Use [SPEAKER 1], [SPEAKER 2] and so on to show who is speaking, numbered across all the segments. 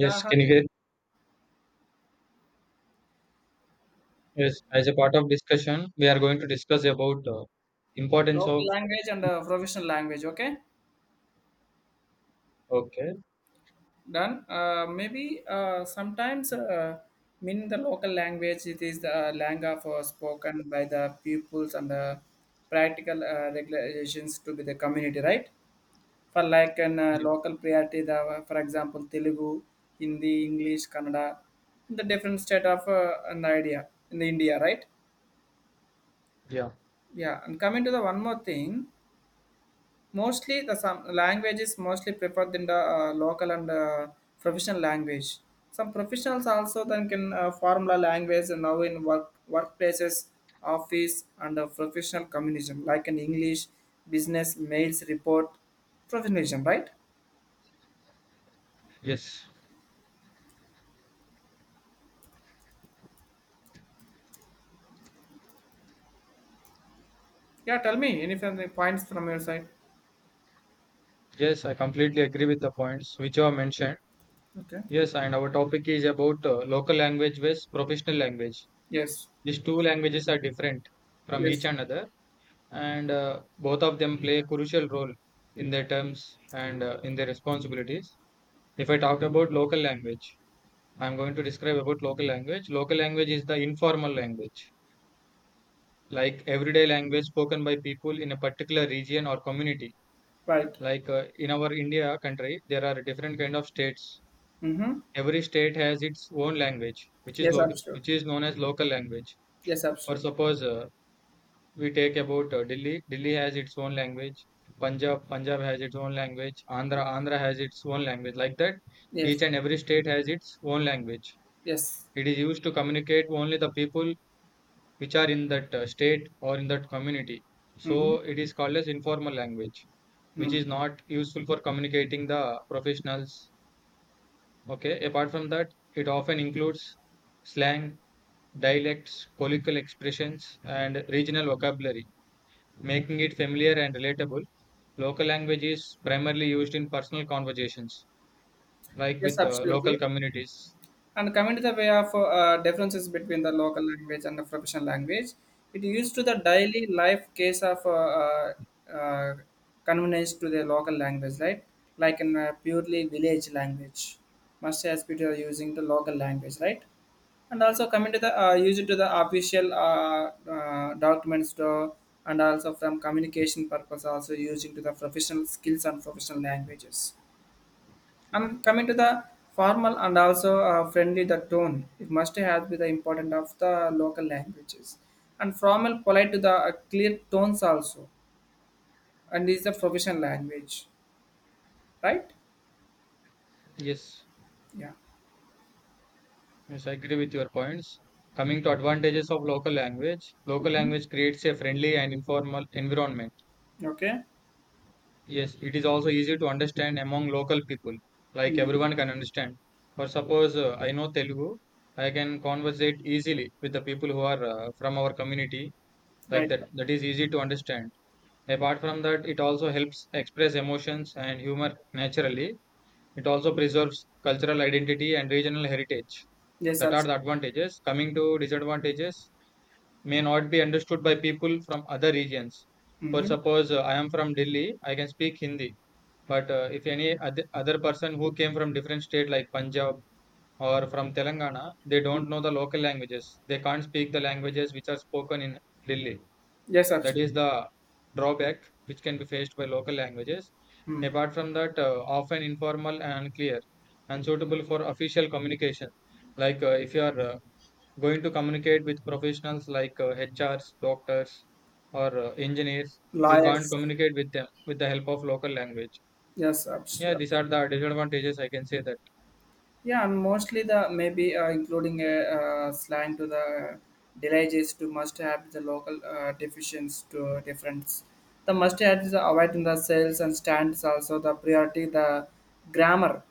[SPEAKER 1] Yeah, hi.
[SPEAKER 2] can you hear? Yes, as a part of discussion, we are going to discuss about importance
[SPEAKER 1] Local
[SPEAKER 2] of.
[SPEAKER 1] language and professional language. Okay,
[SPEAKER 2] Okay.
[SPEAKER 1] done. Maybe sometimes mean the local language. It is the language for spoken by the pupils and the practical regulations to be the community, right? For like an
[SPEAKER 2] Yes.
[SPEAKER 1] local priority, the, for example, Telugu, Hindi, English, Kannada, the different state of an idea in the India, right?
[SPEAKER 2] Yeah.
[SPEAKER 1] Yeah, and coming to the one more thing. Mostly the some languages mostly preferred in the local and professional language. Some professionals also then can formula language now in workplaces, office and professional communism like in English, business, mails, report, professionalism, right?
[SPEAKER 2] Yes.
[SPEAKER 1] Yeah, tell me any from the points from your side.
[SPEAKER 2] Yes, I completely agree with the points which you have mentioned.
[SPEAKER 1] Okay.
[SPEAKER 2] Yes, and our topic is about local language versus professional language.
[SPEAKER 1] Yes.
[SPEAKER 2] These two languages are different from each
[SPEAKER 1] Yes.
[SPEAKER 2] another, and both of them play a crucial role in their terms and in their responsibilities. If I talk about local language, I'm going to describe about local language. Local language is the informal language like everyday language spoken by people in a particular region or community
[SPEAKER 1] Right.
[SPEAKER 2] like in our India country, there are different kind of states.
[SPEAKER 1] Mm-hmm.
[SPEAKER 2] Every state has its own language, which is
[SPEAKER 1] Yes,
[SPEAKER 2] local, which
[SPEAKER 1] absolutely.
[SPEAKER 2] is known as local language.
[SPEAKER 1] Yes,
[SPEAKER 2] Or
[SPEAKER 1] absolutely.
[SPEAKER 2] suppose we take about Delhi, Delhi has its own language. Punjab, Punjab has its own language. Andhra, Andhra has its own language. Like that, each
[SPEAKER 1] Yes.
[SPEAKER 2] and every state has its own language.
[SPEAKER 1] Yes.
[SPEAKER 2] It is used to communicate only the people which are in that state or in that community. So
[SPEAKER 1] Mm-hmm.
[SPEAKER 2] it is called as informal language, which
[SPEAKER 1] Mm.
[SPEAKER 2] is not useful for communicating the professionals. Okay. Apart from that, it often includes slang, dialects, colloquial expressions, and regional vocabulary, making it familiar and relatable. Local language is primarily used in personal conversations, like
[SPEAKER 1] Yes,
[SPEAKER 2] with local
[SPEAKER 1] absolutely.
[SPEAKER 2] communities.
[SPEAKER 1] And coming to the way of differences between the local language and the professional language, it used to the daily life case of uh, convenience to the local language, right? Like in a purely village language must, as people are using the local language, right? And also coming to the use it to the official documents to, and also from communication purpose also using to the professional skills and professional languages, and coming to the formal and also friendly, the tone it must have be the important of the local languages, and formal, polite to the clear tones also, and is the professional language, right?
[SPEAKER 2] Yes.
[SPEAKER 1] Yeah.
[SPEAKER 2] Yes, I agree with your points. Coming to advantages of local
[SPEAKER 1] Mhm.
[SPEAKER 2] language creates a friendly and informal environment.
[SPEAKER 1] Okay.
[SPEAKER 2] Yes, it is also easy to understand among local people, like
[SPEAKER 1] Hmm.
[SPEAKER 2] everyone can understand. For suppose I know Telugu, I can conversate easily with the people who are from our community, like
[SPEAKER 1] Right.
[SPEAKER 2] that. That is easy to understand. Apart from that, it also helps express emotions and humor naturally. It also preserves cultural identity and regional heritage.
[SPEAKER 1] Yes,
[SPEAKER 2] That are
[SPEAKER 1] absolutely.
[SPEAKER 2] the advantages. Coming to disadvantages, may not be understood by people from other regions. For
[SPEAKER 1] Hmm.
[SPEAKER 2] suppose I am from Delhi, I can speak Hindi, but if any other person who came from different state like Punjab or from Telangana, they don't know the local languages. They can't speak the languages which are spoken in Delhi.
[SPEAKER 1] Yes,
[SPEAKER 2] That
[SPEAKER 1] absolutely.
[SPEAKER 2] is the drawback which can be faced by local languages.
[SPEAKER 1] Mm.
[SPEAKER 2] Apart from that, often informal and unclear, unsuitable for official communication. Like if you are going to communicate with professionals like HRs, doctors, or engineers, you can't
[SPEAKER 1] Lawyers.
[SPEAKER 2] communicate with them with the help of local language.
[SPEAKER 1] Yes,
[SPEAKER 2] Yeah,
[SPEAKER 1] absolutely.
[SPEAKER 2] these are the disadvantages I can say that.
[SPEAKER 1] Yeah, mostly the maybe including a slang to the delays to must have the local deficiencies to difference. The must have is avoiding the sales and stands also the priority the grammar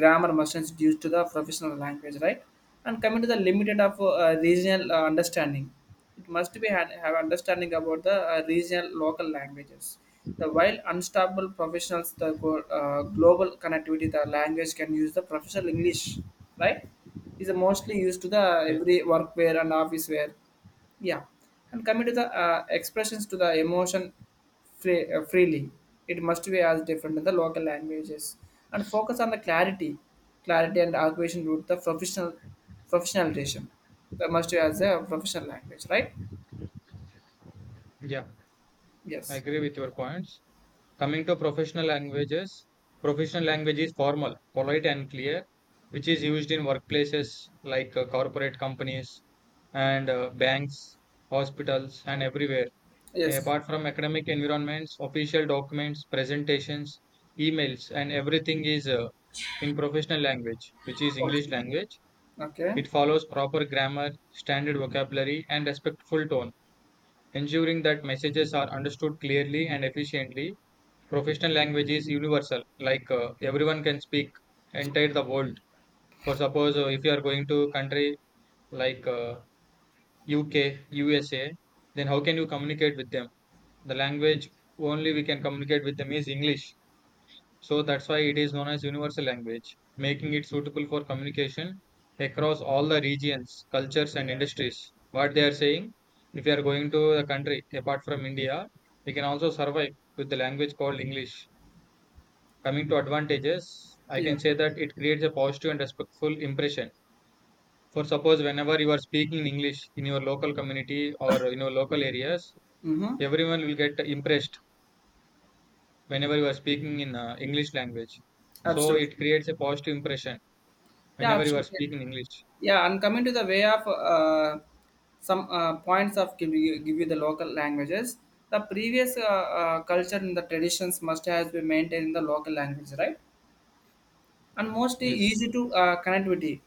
[SPEAKER 1] grammar must due to the professional language, right? And coming to the limited of regional understanding, it must be have understanding about the regional local languages. The while unstoppable professionals, the global connectivity, the language can use the professional English, right? Is mostly used to the
[SPEAKER 2] Yes.
[SPEAKER 1] every workwear and office wear. Yeah. And coming to the expressions to the emotion free, freely, it must be as different in the local languages and focus on the clarity and acquisition route the professionalization. That must be as a professional language, right?
[SPEAKER 2] Yeah, I
[SPEAKER 1] Yes.
[SPEAKER 2] agree with your points. Coming to professional languages, professional language is formal, polite, and clear, which is used in workplaces like corporate companies and banks, hospitals, and everywhere.
[SPEAKER 1] Yes.
[SPEAKER 2] Apart from academic environments, official documents, presentations, emails, and everything is in professional language, which is English
[SPEAKER 1] Okay.
[SPEAKER 2] language.
[SPEAKER 1] Okay.
[SPEAKER 2] It follows proper grammar, standard vocabulary, and respectful tone, ensuring that messages are understood clearly and efficiently. Professional language is universal. Like everyone can speak entire the world. For suppose if you are going to country like UK, USA, then how can you communicate with them? The language only we can communicate with them is English. So that's why it is known as universal language, making it suitable for communication across all the regions, cultures, and industries. What they are saying, if you are going to a country apart from India, we can also survive with the language called English. Coming to advantages, I
[SPEAKER 1] Yeah.
[SPEAKER 2] can say that it creates a positive and respectful impression. For suppose whenever you are speaking in English in your local community or in your local areas,
[SPEAKER 1] Mm-hmm.
[SPEAKER 2] everyone will get impressed whenever you are speaking in English language. So
[SPEAKER 1] Absolutely.
[SPEAKER 2] it creates a positive impression
[SPEAKER 1] Yeah,
[SPEAKER 2] whenever you are
[SPEAKER 1] absolutely.
[SPEAKER 2] speaking English.
[SPEAKER 1] Yeah, and coming to the way of some points of give you the local languages, the previous culture and the traditions must has been maintained in the local language, right? And mostly
[SPEAKER 2] Yes.
[SPEAKER 1] easy to connectivity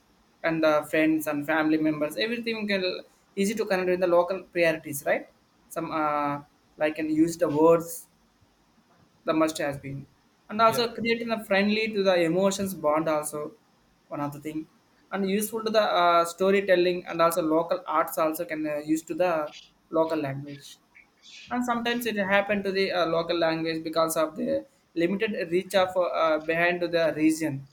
[SPEAKER 1] and the friends and family members, everything can easy to connect with the local priorities, right? Some like can use the words the must has been, and also
[SPEAKER 2] Yeah.
[SPEAKER 1] creating a friendly to the emotions bond also, one of the thing, and useful to the storytelling, and also local arts also can use to the local language. And sometimes it happen to the local language because of the limited reach of behind to the region,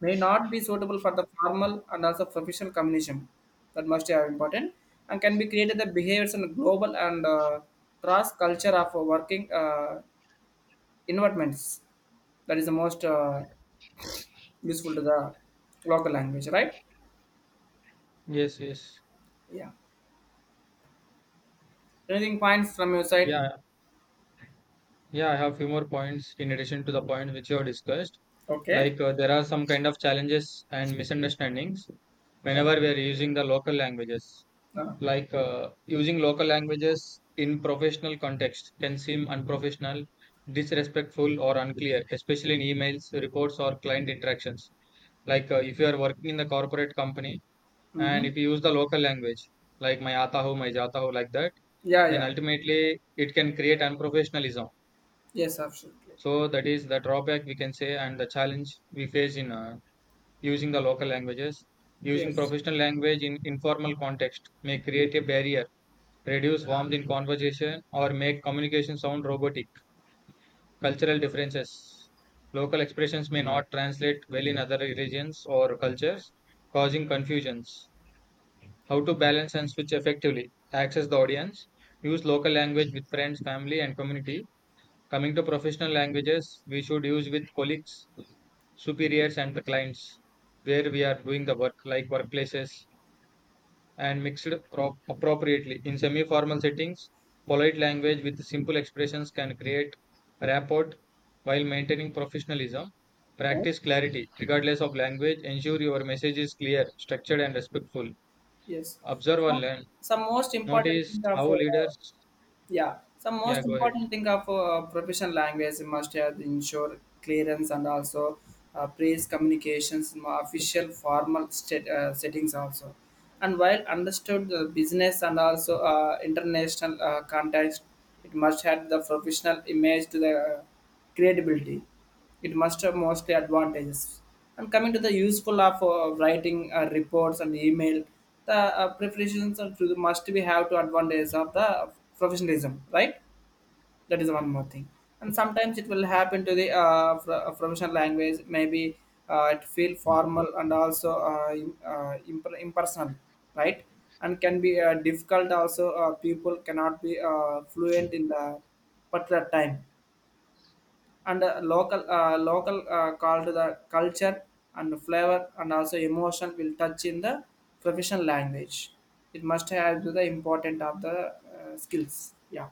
[SPEAKER 1] may not be suitable for the formal and also professional communication. That must have important, and can be created the behaviors and global and cross culture of working Investments. That is the most useful to the local language, right?
[SPEAKER 2] Yes. Yes.
[SPEAKER 1] Yeah. Anything points from your side?
[SPEAKER 2] Yeah. Yeah. I have few more points in addition to the points which you have discussed.
[SPEAKER 1] Okay.
[SPEAKER 2] Like there are some kind of challenges and misunderstandings whenever we are using the local languages.
[SPEAKER 1] Uh,
[SPEAKER 2] Like using local languages in professional context can seem unprofessional, disrespectful, or unclear, especially in emails, reports, or client interactions. Like if you are working in the corporate company and
[SPEAKER 1] mm-hmm.
[SPEAKER 2] if you use the local language like my aata hu, my jata hu, like that,
[SPEAKER 1] Yeah,
[SPEAKER 2] then
[SPEAKER 1] yeah.
[SPEAKER 2] ultimately it can create unprofessionalism.
[SPEAKER 1] Yes, absolutely.
[SPEAKER 2] So that is the drawback we can say and the challenge we face in using the local languages. Using
[SPEAKER 1] Yes.
[SPEAKER 2] professional language in informal context may create a barrier, reduce warmth in conversation, or make communication sound robotic. Cultural differences. Local expressions may not translate well in other regions or cultures, causing confusions. How to balance and switch effectively. Access the audience. Use local language with friends, family, and community. Coming to professional languages, we should use with colleagues, superiors, and the clients where we are doing the work, like workplaces, and mixed appropriately. In semi formal settings, polite language with simple expressions can create rapport while maintaining professionalism.
[SPEAKER 1] Right?
[SPEAKER 2] Practice clarity, regardless of language. Ensure your message is clear, structured, and respectful.
[SPEAKER 1] Yes.
[SPEAKER 2] Observe and
[SPEAKER 1] So,
[SPEAKER 2] learn.
[SPEAKER 1] some most important
[SPEAKER 2] Notice
[SPEAKER 1] thing of
[SPEAKER 2] how leaders.
[SPEAKER 1] yeah. So
[SPEAKER 2] Yeah,
[SPEAKER 1] most
[SPEAKER 2] go ahead.
[SPEAKER 1] important thing of professional language must have ensure clearance and also praise communications in official formal state, settings also. And while understood the business and also international context, it must have the professional image to the Credibility. It must have mostly advantages. And coming to the useful of writing reports and email, the preparations are to the must be have to advantages of the professionalism, right? That is one more thing. And sometimes it will happen to the professional language, maybe it feel formal and also impersonal, right? And can be difficult also. People cannot be fluent in the particular time and local called the culture and flavor, and also emotion will touch in the professional language. It must have the important of the skills. Yeah.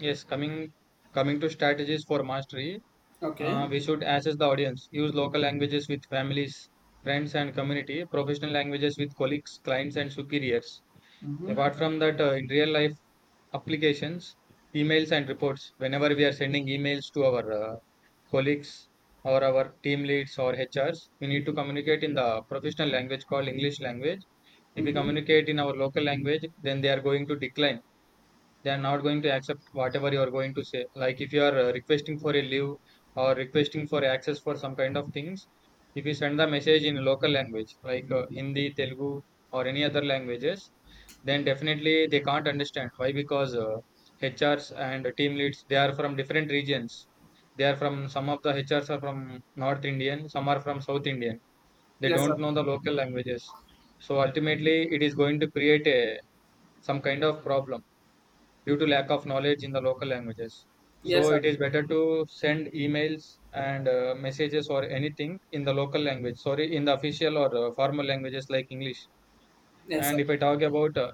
[SPEAKER 2] Yes, coming to strategies for mastery.
[SPEAKER 1] Okay.
[SPEAKER 2] We should assess the audience. Use local languages with families, friends, and community. Professional languages with colleagues, clients, and superiors.
[SPEAKER 1] Mm-hmm.
[SPEAKER 2] Apart from that, in real life applications, emails and reports, whenever we are sending emails to our colleagues or our team leads or HRs, we need to communicate in the professional language called English language. If we
[SPEAKER 1] Mm-hmm.
[SPEAKER 2] communicate in our local language, then they are going to decline. They are not going to accept whatever you are going to say. Like if you are requesting for a leave or requesting for access for some kind of things, if you send the message in local language like Hindi, Telugu, or any other languages, then definitely they can't understand. Why? Because HRs and team leads, they are from different regions. They are from, some of the HRs are from North Indian, some are from South Indian. They
[SPEAKER 1] Yes, sir.
[SPEAKER 2] don't know the local languages. So ultimately it is going to create a some kind of problem due to lack of knowledge in the local languages.
[SPEAKER 1] Yes,
[SPEAKER 2] So
[SPEAKER 1] sir.
[SPEAKER 2] it is better to send emails and messages or anything in the local language. Sorry, in the official or formal languages like English.
[SPEAKER 1] Yes,
[SPEAKER 2] And
[SPEAKER 1] sir.
[SPEAKER 2] if I talk about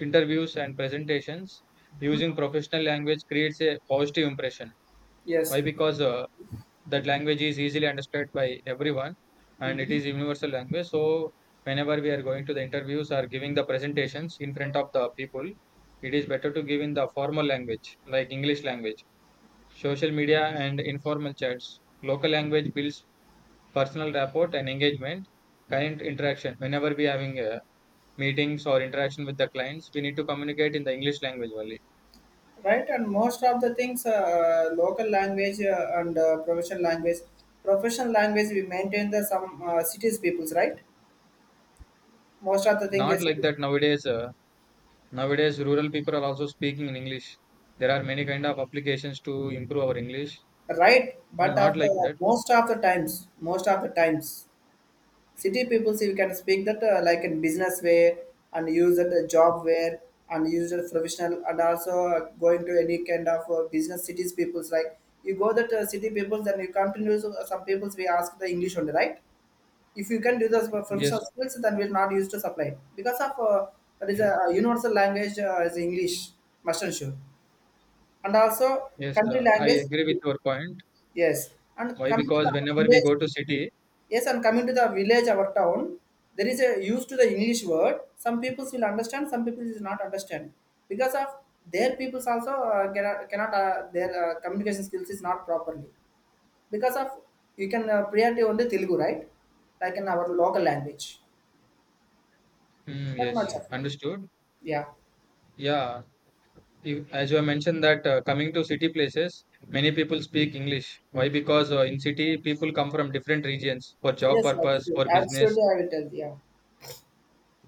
[SPEAKER 2] interviews and presentations, using professional language creates a positive impression.
[SPEAKER 1] Yes,
[SPEAKER 2] Why?
[SPEAKER 1] sir.
[SPEAKER 2] Because that language is easily understood by everyone and it
[SPEAKER 1] Hmm.
[SPEAKER 2] is universal language. So whenever we are going to the interviews or giving the presentations in front of the people, it is better to give in the formal language like English language. Social media and informal chats. Local language builds personal rapport and engagement. Client interaction. Whenever we are having meetings or interaction with the clients, we need to communicate in the English language only.
[SPEAKER 1] Right, and most of the things local language and professional language we maintain the some cities peoples, right? Most of the thing
[SPEAKER 2] Not
[SPEAKER 1] is,
[SPEAKER 2] like that nowadays. Nowadays, rural people are also speaking in English. There are many kind of applications to improve our English.
[SPEAKER 1] right, but
[SPEAKER 2] Not
[SPEAKER 1] after,
[SPEAKER 2] like that.
[SPEAKER 1] most of the times, most of the times, city people see we can speak that like in business way and use that job where, and use it professional and also going to any kind of business cities peoples like you go that city peoples, then you some peoples we ask the English only, right? If you can do those for professional
[SPEAKER 2] Yes,
[SPEAKER 1] skills, then we'll not use to supply because of that is a universal language is English, must and should, and also
[SPEAKER 2] yes,
[SPEAKER 1] country
[SPEAKER 2] I
[SPEAKER 1] language.
[SPEAKER 2] agree with your point.
[SPEAKER 1] Yes, and
[SPEAKER 2] Why?
[SPEAKER 1] coming to
[SPEAKER 2] Because
[SPEAKER 1] the
[SPEAKER 2] whenever we
[SPEAKER 1] village,
[SPEAKER 2] go to city,
[SPEAKER 1] yes, and coming to the village, our town, there is a use to the English word. Some people will understand, some people will not understand because of their peoples also cannot, their communication skills is not properly because of, you can priority only Telugu, right? Like in our local language,
[SPEAKER 2] mm,
[SPEAKER 1] that
[SPEAKER 2] yes,
[SPEAKER 1] much of it.
[SPEAKER 2] understood.
[SPEAKER 1] Yeah.
[SPEAKER 2] Yeah, if, as you mentioned that coming to city places, many people speak English. Why? Because in city, people come from different regions for job
[SPEAKER 1] Yes,
[SPEAKER 2] purpose,
[SPEAKER 1] absolutely.
[SPEAKER 2] for business.
[SPEAKER 1] Absolutely, I will tell. Yeah.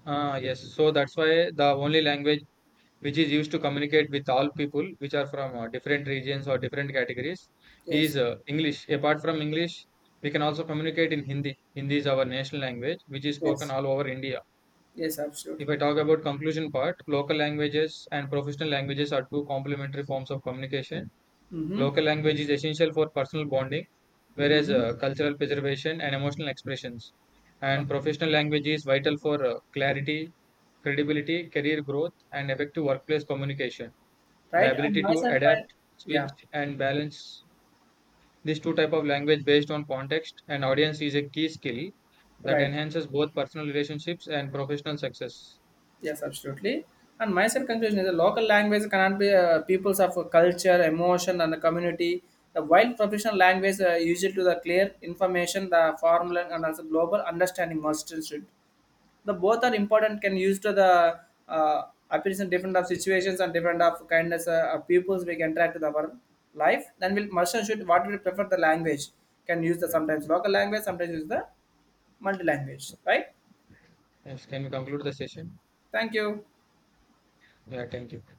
[SPEAKER 2] Ah, yes. So that's why the only language which is used to communicate with all people which are from different regions or different categories is
[SPEAKER 1] Yes.
[SPEAKER 2] English. Apart from English, we can also communicate in Hindi. Hindi is our national language which is spoken
[SPEAKER 1] Yes.
[SPEAKER 2] all over India.
[SPEAKER 1] Yes,
[SPEAKER 2] If I
[SPEAKER 1] absolutely.
[SPEAKER 2] talk about conclusion part, local languages and professional languages are two complementary forms of communication.
[SPEAKER 1] Mm-hmm.
[SPEAKER 2] Local language is essential for personal bonding, whereas
[SPEAKER 1] Mm-hmm.
[SPEAKER 2] cultural preservation and emotional expressions, and
[SPEAKER 1] Okay.
[SPEAKER 2] professional language is vital for clarity, credibility, career growth, and effective workplace communication. The
[SPEAKER 1] Right. And
[SPEAKER 2] ability
[SPEAKER 1] my
[SPEAKER 2] to
[SPEAKER 1] side, right?
[SPEAKER 2] adapt,
[SPEAKER 1] Yeah.
[SPEAKER 2] switch, and balance these two type of language based on context and audience is a key skill that
[SPEAKER 1] Right.
[SPEAKER 2] enhances both personal relationships and professional success.
[SPEAKER 1] Yes, absolutely. And my second conclusion is the local language cannot be peoples of culture, emotion, and the community. The wild professional language usual to the clear information, the formula, and also global understanding must should. The both are important. Can use to the uh, appearance in different of situations and different of kindness of peoples we can try to the our life. Then we'll must and should what we prefer the language. Can use the sometimes local language, sometimes use the multi language. Right.
[SPEAKER 2] Yes, can we conclude the session?
[SPEAKER 1] Thank you.
[SPEAKER 2] Yeah, thank you.